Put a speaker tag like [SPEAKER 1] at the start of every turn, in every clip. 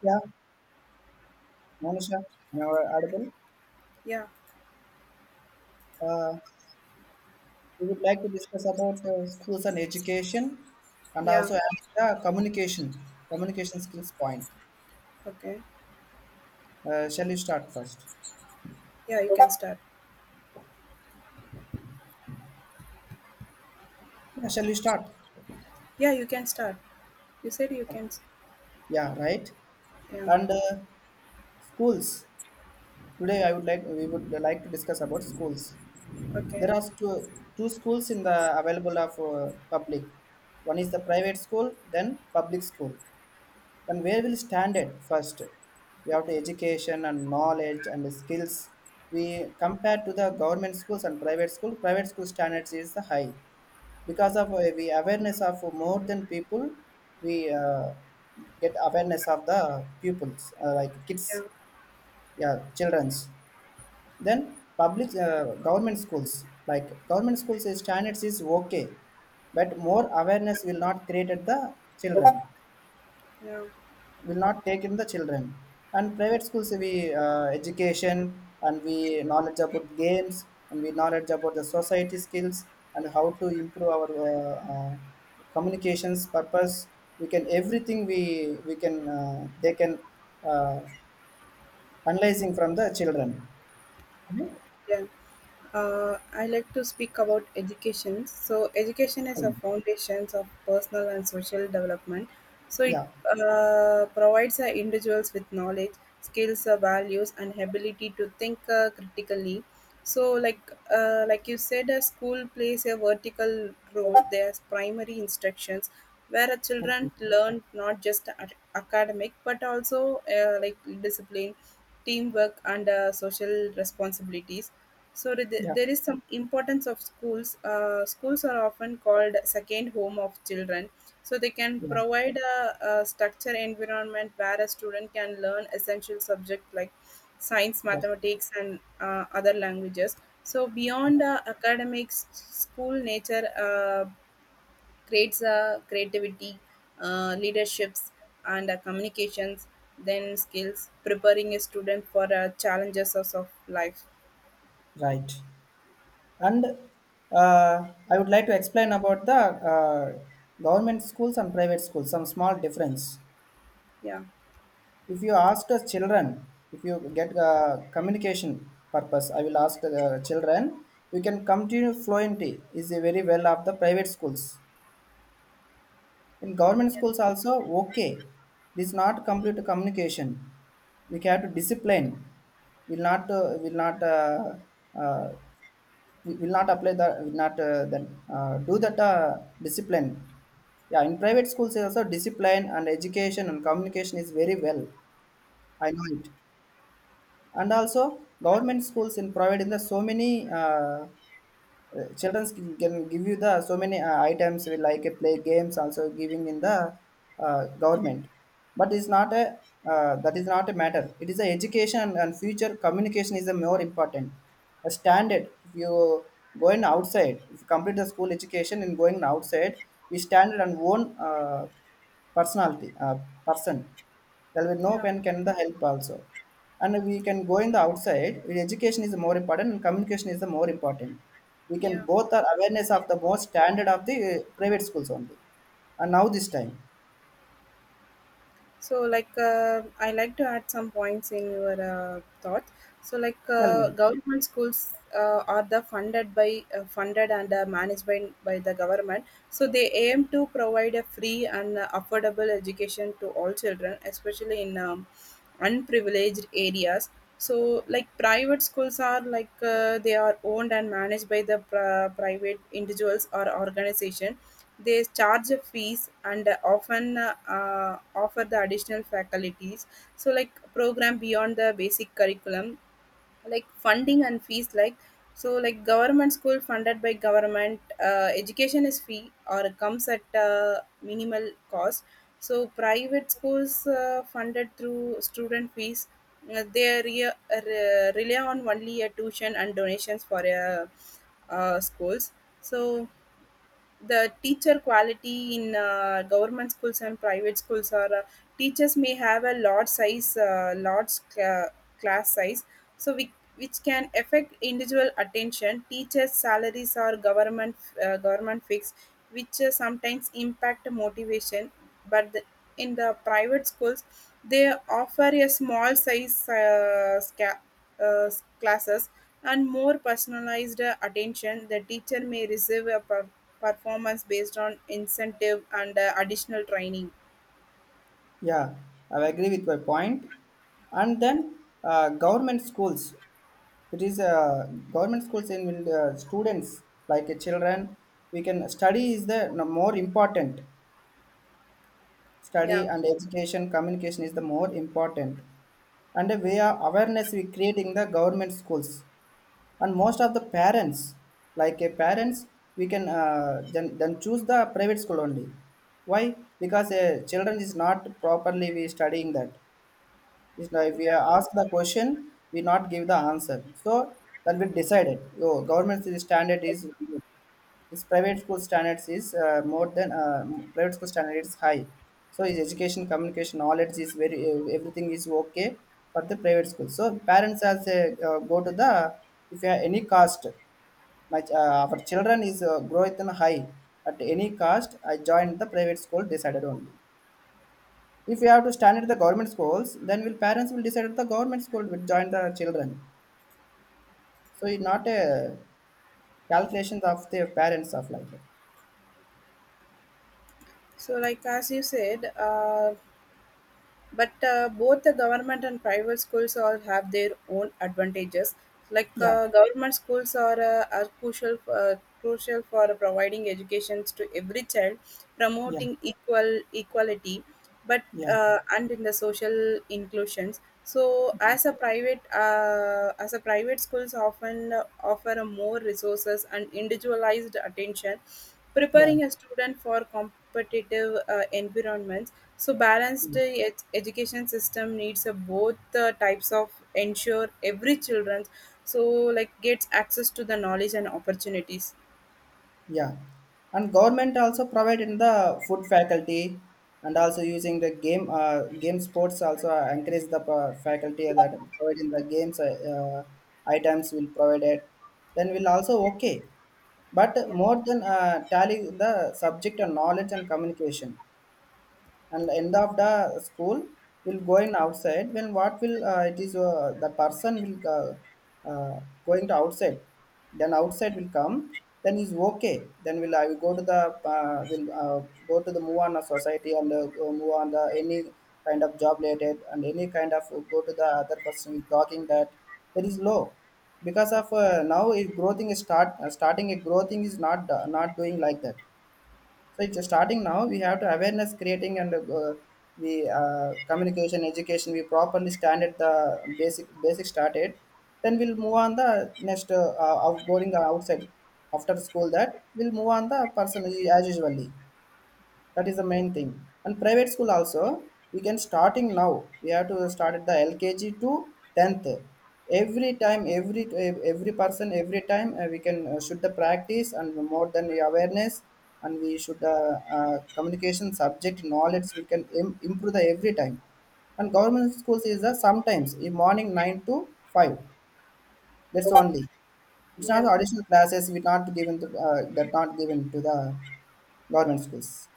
[SPEAKER 1] Yeah, Monisha, and our audible.
[SPEAKER 2] Yeah,
[SPEAKER 1] Uh, we would like to discuss about schools and education, and
[SPEAKER 2] yeah,
[SPEAKER 1] also add the communication, communication skills point.
[SPEAKER 2] okay.
[SPEAKER 1] Shall you start first?
[SPEAKER 2] Yeah, you can start.
[SPEAKER 1] Yeah, shall you start?
[SPEAKER 2] Yeah, you can start. You said you can. S-
[SPEAKER 1] Yeah, right.
[SPEAKER 2] Yeah,
[SPEAKER 1] And schools. Today, I would like we would like to discuss about schools.
[SPEAKER 2] okay.
[SPEAKER 1] There are two schools in the available of public. One is the private school, then public school. Then where will stand it first? We have to education and knowledge and skills. We compare to the government schools and private school. Private school standards is the high because of we awareness of more than people. We uh, get awareness of the pupils like
[SPEAKER 2] Yeah,
[SPEAKER 1] kids, yeah, childrens. Then public government schools like government schools standards is okay, but more awareness will not create at the children
[SPEAKER 2] yeah,
[SPEAKER 1] will not take in the children. And private schools, we education and we knowledge about games and we knowledge about the society skills and how to improve our communications purpose. We can everything we can they can uh, analyzing from the children. Right?
[SPEAKER 2] yeah. I like to speak about education. So, education is a
[SPEAKER 1] Um,
[SPEAKER 2] foundation of personal and social development. So, it
[SPEAKER 1] Yeah.
[SPEAKER 2] uh, provides individuals with knowledge, skills, values, and ability to think critically. So, like like you said, a school plays a vertical role. There's primary instructions where children
[SPEAKER 1] Okay.
[SPEAKER 2] learn not just academic but also like discipline, teamwork, and social responsibilities.
[SPEAKER 1] Yeah.
[SPEAKER 2] There is some importance of schools. Schools are often called second home of children, so they can
[SPEAKER 1] Yeah.
[SPEAKER 2] provide a structure environment where a student can learn essential subjects like science,
[SPEAKER 1] Yeah.
[SPEAKER 2] mathematics, and other languages. So beyond academics, school nature creates creativity, leaderships, and communications. Then skills, preparing a student for challenges of life.
[SPEAKER 1] Right. And I would like to explain about the uh, government schools and private schools, some small difference.
[SPEAKER 2] Yeah,
[SPEAKER 1] If you ask the children, if you get communication purpose, I will ask the children, you can continue fluently is a very well of the private schools. In government schools also, okay, this is not complete communication. We have to discipline. Will not uh, we will not apply the will not then do that discipline. Yeah, in private schools also discipline and education and communication is very well. I know it. And also government schools in private. In the so many. Children can give you the so many items we like play games also giving in the government, but it's not a that is not a matter, it is the education and future communication is the more important a standard. If you going outside, if you complete the school education and going outside, we standard and own uh, personality person well we no
[SPEAKER 2] yeah.
[SPEAKER 1] pen can the help also, and we can go in the outside. Education is more important and communication is the more important. We can
[SPEAKER 2] Yeah.
[SPEAKER 1] both are awareness of the most standard of the private schools only. And now this time,
[SPEAKER 2] I like to add some points in your thought. So, like,
[SPEAKER 1] tell me.
[SPEAKER 2] uh, government schools are the funded by funded and managed by the government. So, they aim to provide a free and affordable education to all children, especially in unprivileged areas. So like private schools are like they are owned and managed by the private individuals or organization. They charge a fees and often offer the additional faculties, so like program beyond the basic curriculum, like funding and fees. Like so like government school funded by government, education is free or comes at minimal cost. So private schools funded through student fees. They rely on only a tuition and donations for schools. So the teacher quality in government schools and private schools are teachers may have a large size , large class size, so we, which can affect individual attention. Teachers salaries are government fixed, which sometimes impact motivation. But in the private schools they offer a small size uh, classes and more personalized attention. The teacher may receive a performance based on incentive and additional training.
[SPEAKER 1] Yeah, I agree with my point. And then government schools, it is government schools in will, students like children we can study is the no, more important. Study
[SPEAKER 2] Yeah.
[SPEAKER 1] and education communication is the more important, and we are awareness we create in the government schools, and most of the parents like a parents we can then choose the private school only. Why? Because children is not properly we studying that. It's like we
[SPEAKER 2] Yeah.
[SPEAKER 1] are ask the question, we not give the answer, so that will decide it. Oh, government standard is his private school standards is private school standard is high. So his education, communication, knowledge is very everything is okay for the private school. So parents as a, go to the, if you have any cost, our children is growth and high at any cost. I joined the private school decided only. If you have to stand at the government schools, then will parents will decide at the government school will join the children. So it's not a calculations of the parents of like that.
[SPEAKER 2] As you said, But both the government and private schools all have their own advantages. Like
[SPEAKER 1] Yeah,
[SPEAKER 2] government schools are, are crucial for providing educations to every child,
[SPEAKER 1] yeah,
[SPEAKER 2] promoting equality, but
[SPEAKER 1] yeah.
[SPEAKER 2] and in the social inclusions. As a private schools often offer a more resources and individualized attention,
[SPEAKER 1] Yeah.
[SPEAKER 2] preparing a student for competitive environments. So, balanced
[SPEAKER 1] Mm.
[SPEAKER 2] yet education system needs both types of ensure every children so like gets access to the knowledge and opportunities.
[SPEAKER 1] Yeah. And government also provide in the food faculty and also using the game sports also encourage the faculty that provide in the games items will provide it. Then we'll also okay. But
[SPEAKER 2] Yeah,
[SPEAKER 1] more than tally the subject and knowledge and communication. And end of the school will going outside when what will it is the person will going to outside, then outside will come, then is okay, then will I will go to the will go to the move on a society and go move on the any kind of job related and any kind of go to the other person will talking that. That is low because of now if growing is start starting a growing is not not doing like that. So it's starting now. We have to awareness creating and we communication education. We properly stand at the basic started. Then we'll move on the next outgoing outside after school. That we'll move on the person as usually, that is the main thing. And private school also we can starting now. We have to start at the lkg to 10th, every time every person every time we can should the practice and more than the awareness, and we should communication subject knowledge we can improve the every time. And government schools is the sometimes in morning 9 to 5, that's only. It's not
[SPEAKER 2] yeah.
[SPEAKER 1] additional classes we not given to that not given to the government schools.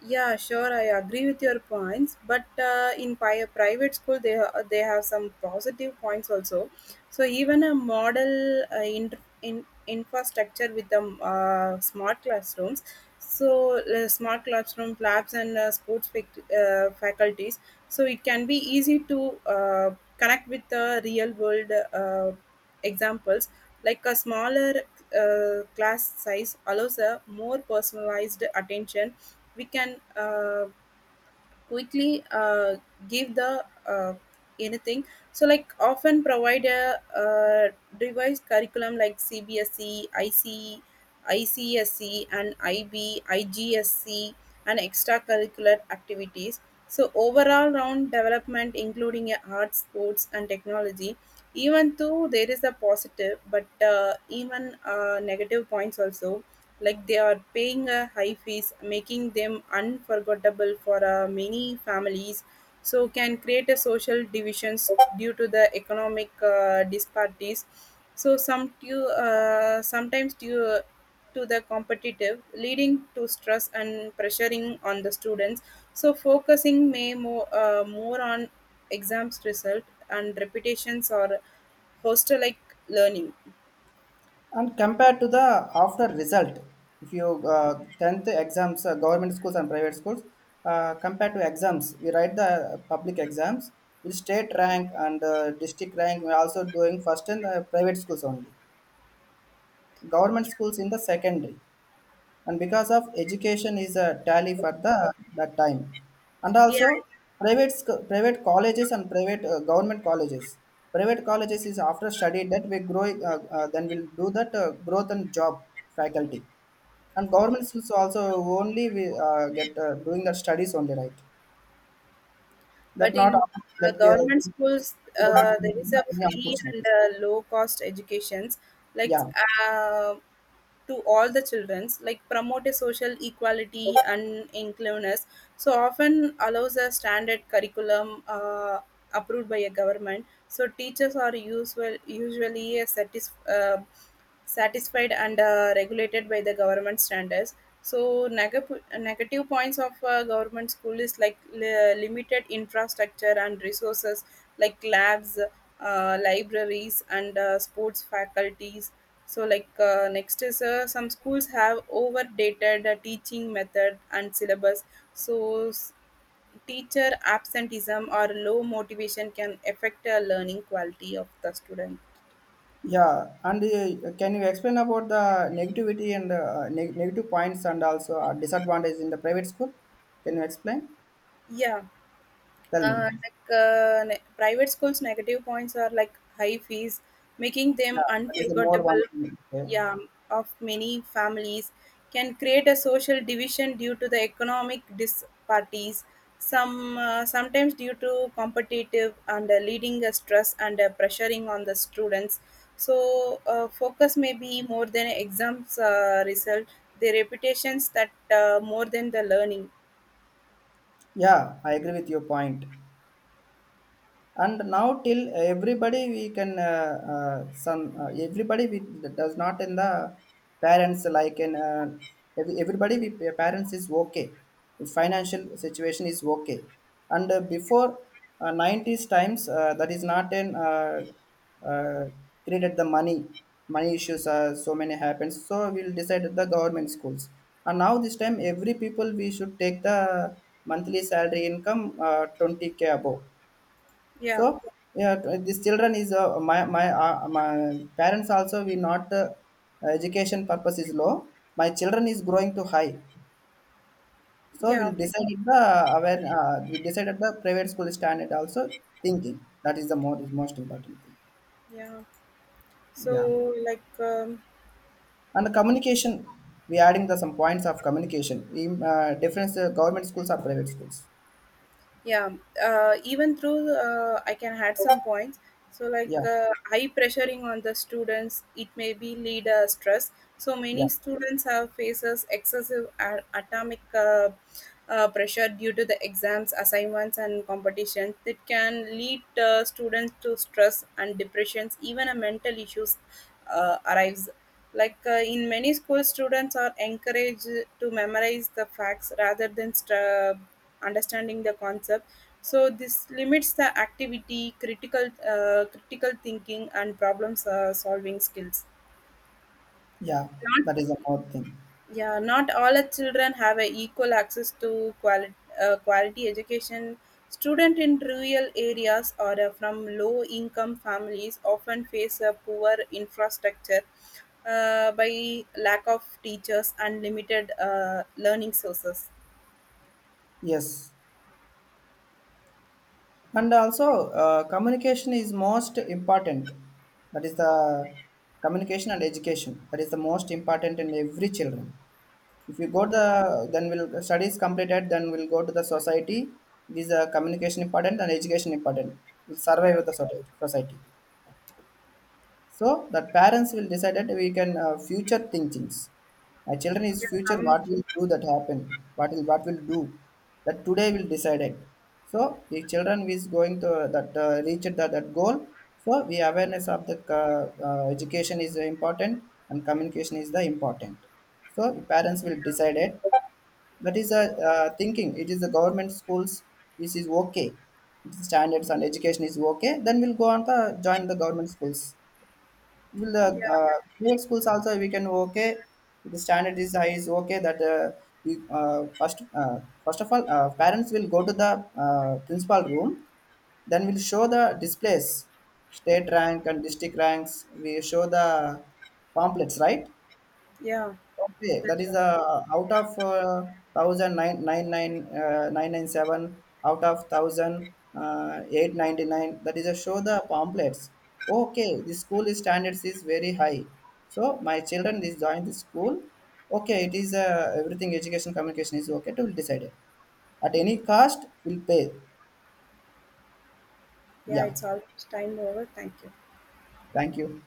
[SPEAKER 2] Yeah, sure, I agree with your points, but in private school, they have some positive points also. So even a model in infrastructure with the smart classrooms, so smart classroom labs and sports faculties, so it can be easy to connect with the real world examples. Like a smaller class size allows a more personalized attention. We can uh, quickly uh, give the uh, anything, so like often provide a uh, revised curriculum like CBSE, ic ICSE, and ib IGSE, and extracurricular activities, so overall round development including a art sports and technology. Even though there is a positive but even negative points also, like they are paying a high fees making them unforgettable for many families, so can create a social divisions due to the economic disparities. Sometimes due to the competitive leading to stress and pressuring on the students, so focusing may more on exams result and repetitions or hostel like learning.
[SPEAKER 1] And compared to the after result, if you 10th exams, government schools and private schools, compared to exams, we write the public exams, will state rank and district rank, we are also doing first in the private schools only. Government
[SPEAKER 2] yeah
[SPEAKER 1] schools in the secondary and because of education is a tally for the that time. And
[SPEAKER 2] yeah,
[SPEAKER 1] also private private colleges and private government colleges, private colleges is after study that we grow then we'll do that growth and job faculty and
[SPEAKER 2] yeah.
[SPEAKER 1] government schools also only we get doing the studies only, right? That
[SPEAKER 2] But
[SPEAKER 1] not
[SPEAKER 2] in
[SPEAKER 1] that
[SPEAKER 2] government
[SPEAKER 1] will
[SPEAKER 2] schools,
[SPEAKER 1] not
[SPEAKER 2] there is
[SPEAKER 1] give
[SPEAKER 2] a
[SPEAKER 1] any
[SPEAKER 2] free and
[SPEAKER 1] opportunities.
[SPEAKER 2] low cost educations, like
[SPEAKER 1] Yeah.
[SPEAKER 2] uh, to all the childrens, like promote a social equality and inclusiveness. So often allows a standard curriculum approved by a government, so teachers are usually satisfied and regulated by the government standards. So negative points of government school is like limited infrastructure and resources like labs, libraries and sports faculties. So like next is some schools have overdated teaching method and syllabus. So teacher absenteeism or low motivation can affect the learning quality of the student.
[SPEAKER 1] Yeah, and can you explain about the negativity and negative points and also disadvantage in the private school? Can you explain?
[SPEAKER 2] Yeah.
[SPEAKER 1] Tell me.
[SPEAKER 2] Private schools, negative points are like high fees, making them
[SPEAKER 1] Yeah, that is the more
[SPEAKER 2] unforgettable
[SPEAKER 1] one thing. Okay.
[SPEAKER 2] Yeah, of many families, can create a social division due to the economic disparities. Sometimes due to competitive and leading a stress and pressuring on the students. So focus may be more than exams result. The reputations that more than the learning.
[SPEAKER 1] Yeah, I agree with your point. And now till everybody we can some everybody we does not in the parents like in everybody we parents is okay, the financial situation is okay. And before 90s times that is not in uh, created the money. Money issues are so many happens, so we'll decide the government schools. And now this time every people we should take the monthly salary income 20K above,
[SPEAKER 2] Yeah,
[SPEAKER 1] so yeah, these children is my parents also we not education purpose is low. My children is growing to high. So
[SPEAKER 2] yeah,
[SPEAKER 1] we'll decide if the aware we decided the private school standard also thinking that is the more is most important thing.
[SPEAKER 2] yeah.
[SPEAKER 1] Yeah,
[SPEAKER 2] So, like,
[SPEAKER 1] and the communication, we adding the some points of communication in, difference government schools or private schools.
[SPEAKER 2] yeah even through I can add some points, so like
[SPEAKER 1] Yeah,
[SPEAKER 2] high pressuring on the students it may be lead stress, so
[SPEAKER 1] yeah,
[SPEAKER 2] many students have faces excessive atomic pressure due to the exams assignments and competitions that can lead students to stress and depressions, even a mental issues arrives. Like in many schools students are encouraged to memorize the facts rather than understanding the concept, so this limits the activity critical thinking and problem solving skills.
[SPEAKER 1] yeah.
[SPEAKER 2] not
[SPEAKER 1] That is the more thing.
[SPEAKER 2] yeah Not all the children have a equal access to quality quality education. Student in rural areas or from low income families often face a poor infrastructure by lack of teachers and limited learning sources.
[SPEAKER 1] Yes. And also communication is most important. That is the communication and education, that is the most important in every children. If you go to
[SPEAKER 2] yeah
[SPEAKER 1] the, then will studies completed, then we'll go to the society. It is a communication important and education important. It
[SPEAKER 2] yeah
[SPEAKER 1] survive with the society. So that parents will decide that we can future thinkings. My children
[SPEAKER 2] yeah
[SPEAKER 1] is future
[SPEAKER 2] um,
[SPEAKER 1] what will do that happen, what will do that today will decide it. So the children is going to that reach that, that goal. So the awareness of the education is important and communication is the important. So the parents will decide it. That is a thinking. It is the government schools. This is okay. Standards and education is okay. Then we'll go on to join the government schools. Will the
[SPEAKER 2] yeah
[SPEAKER 1] private schools also we can okay if the standard is high, is okay. That we first first of all parents will go to the principal room, then we'll show the displays, state rank and district ranks we show the pamphlets, right?
[SPEAKER 2] yeah
[SPEAKER 1] Okay, that
[SPEAKER 2] that's
[SPEAKER 1] is
[SPEAKER 2] right.
[SPEAKER 1] out of thousand nine nine nine 997 out of thousand 899. That is a show the pamphlets. Okay, the school standards is very high. So my children is join the school. Okay, it is everything education communication is okay to decide it. At any cost, we'll pay.
[SPEAKER 2] Yeah,
[SPEAKER 1] Yeah,
[SPEAKER 2] it's almost time over. Thank you.
[SPEAKER 1] thank you.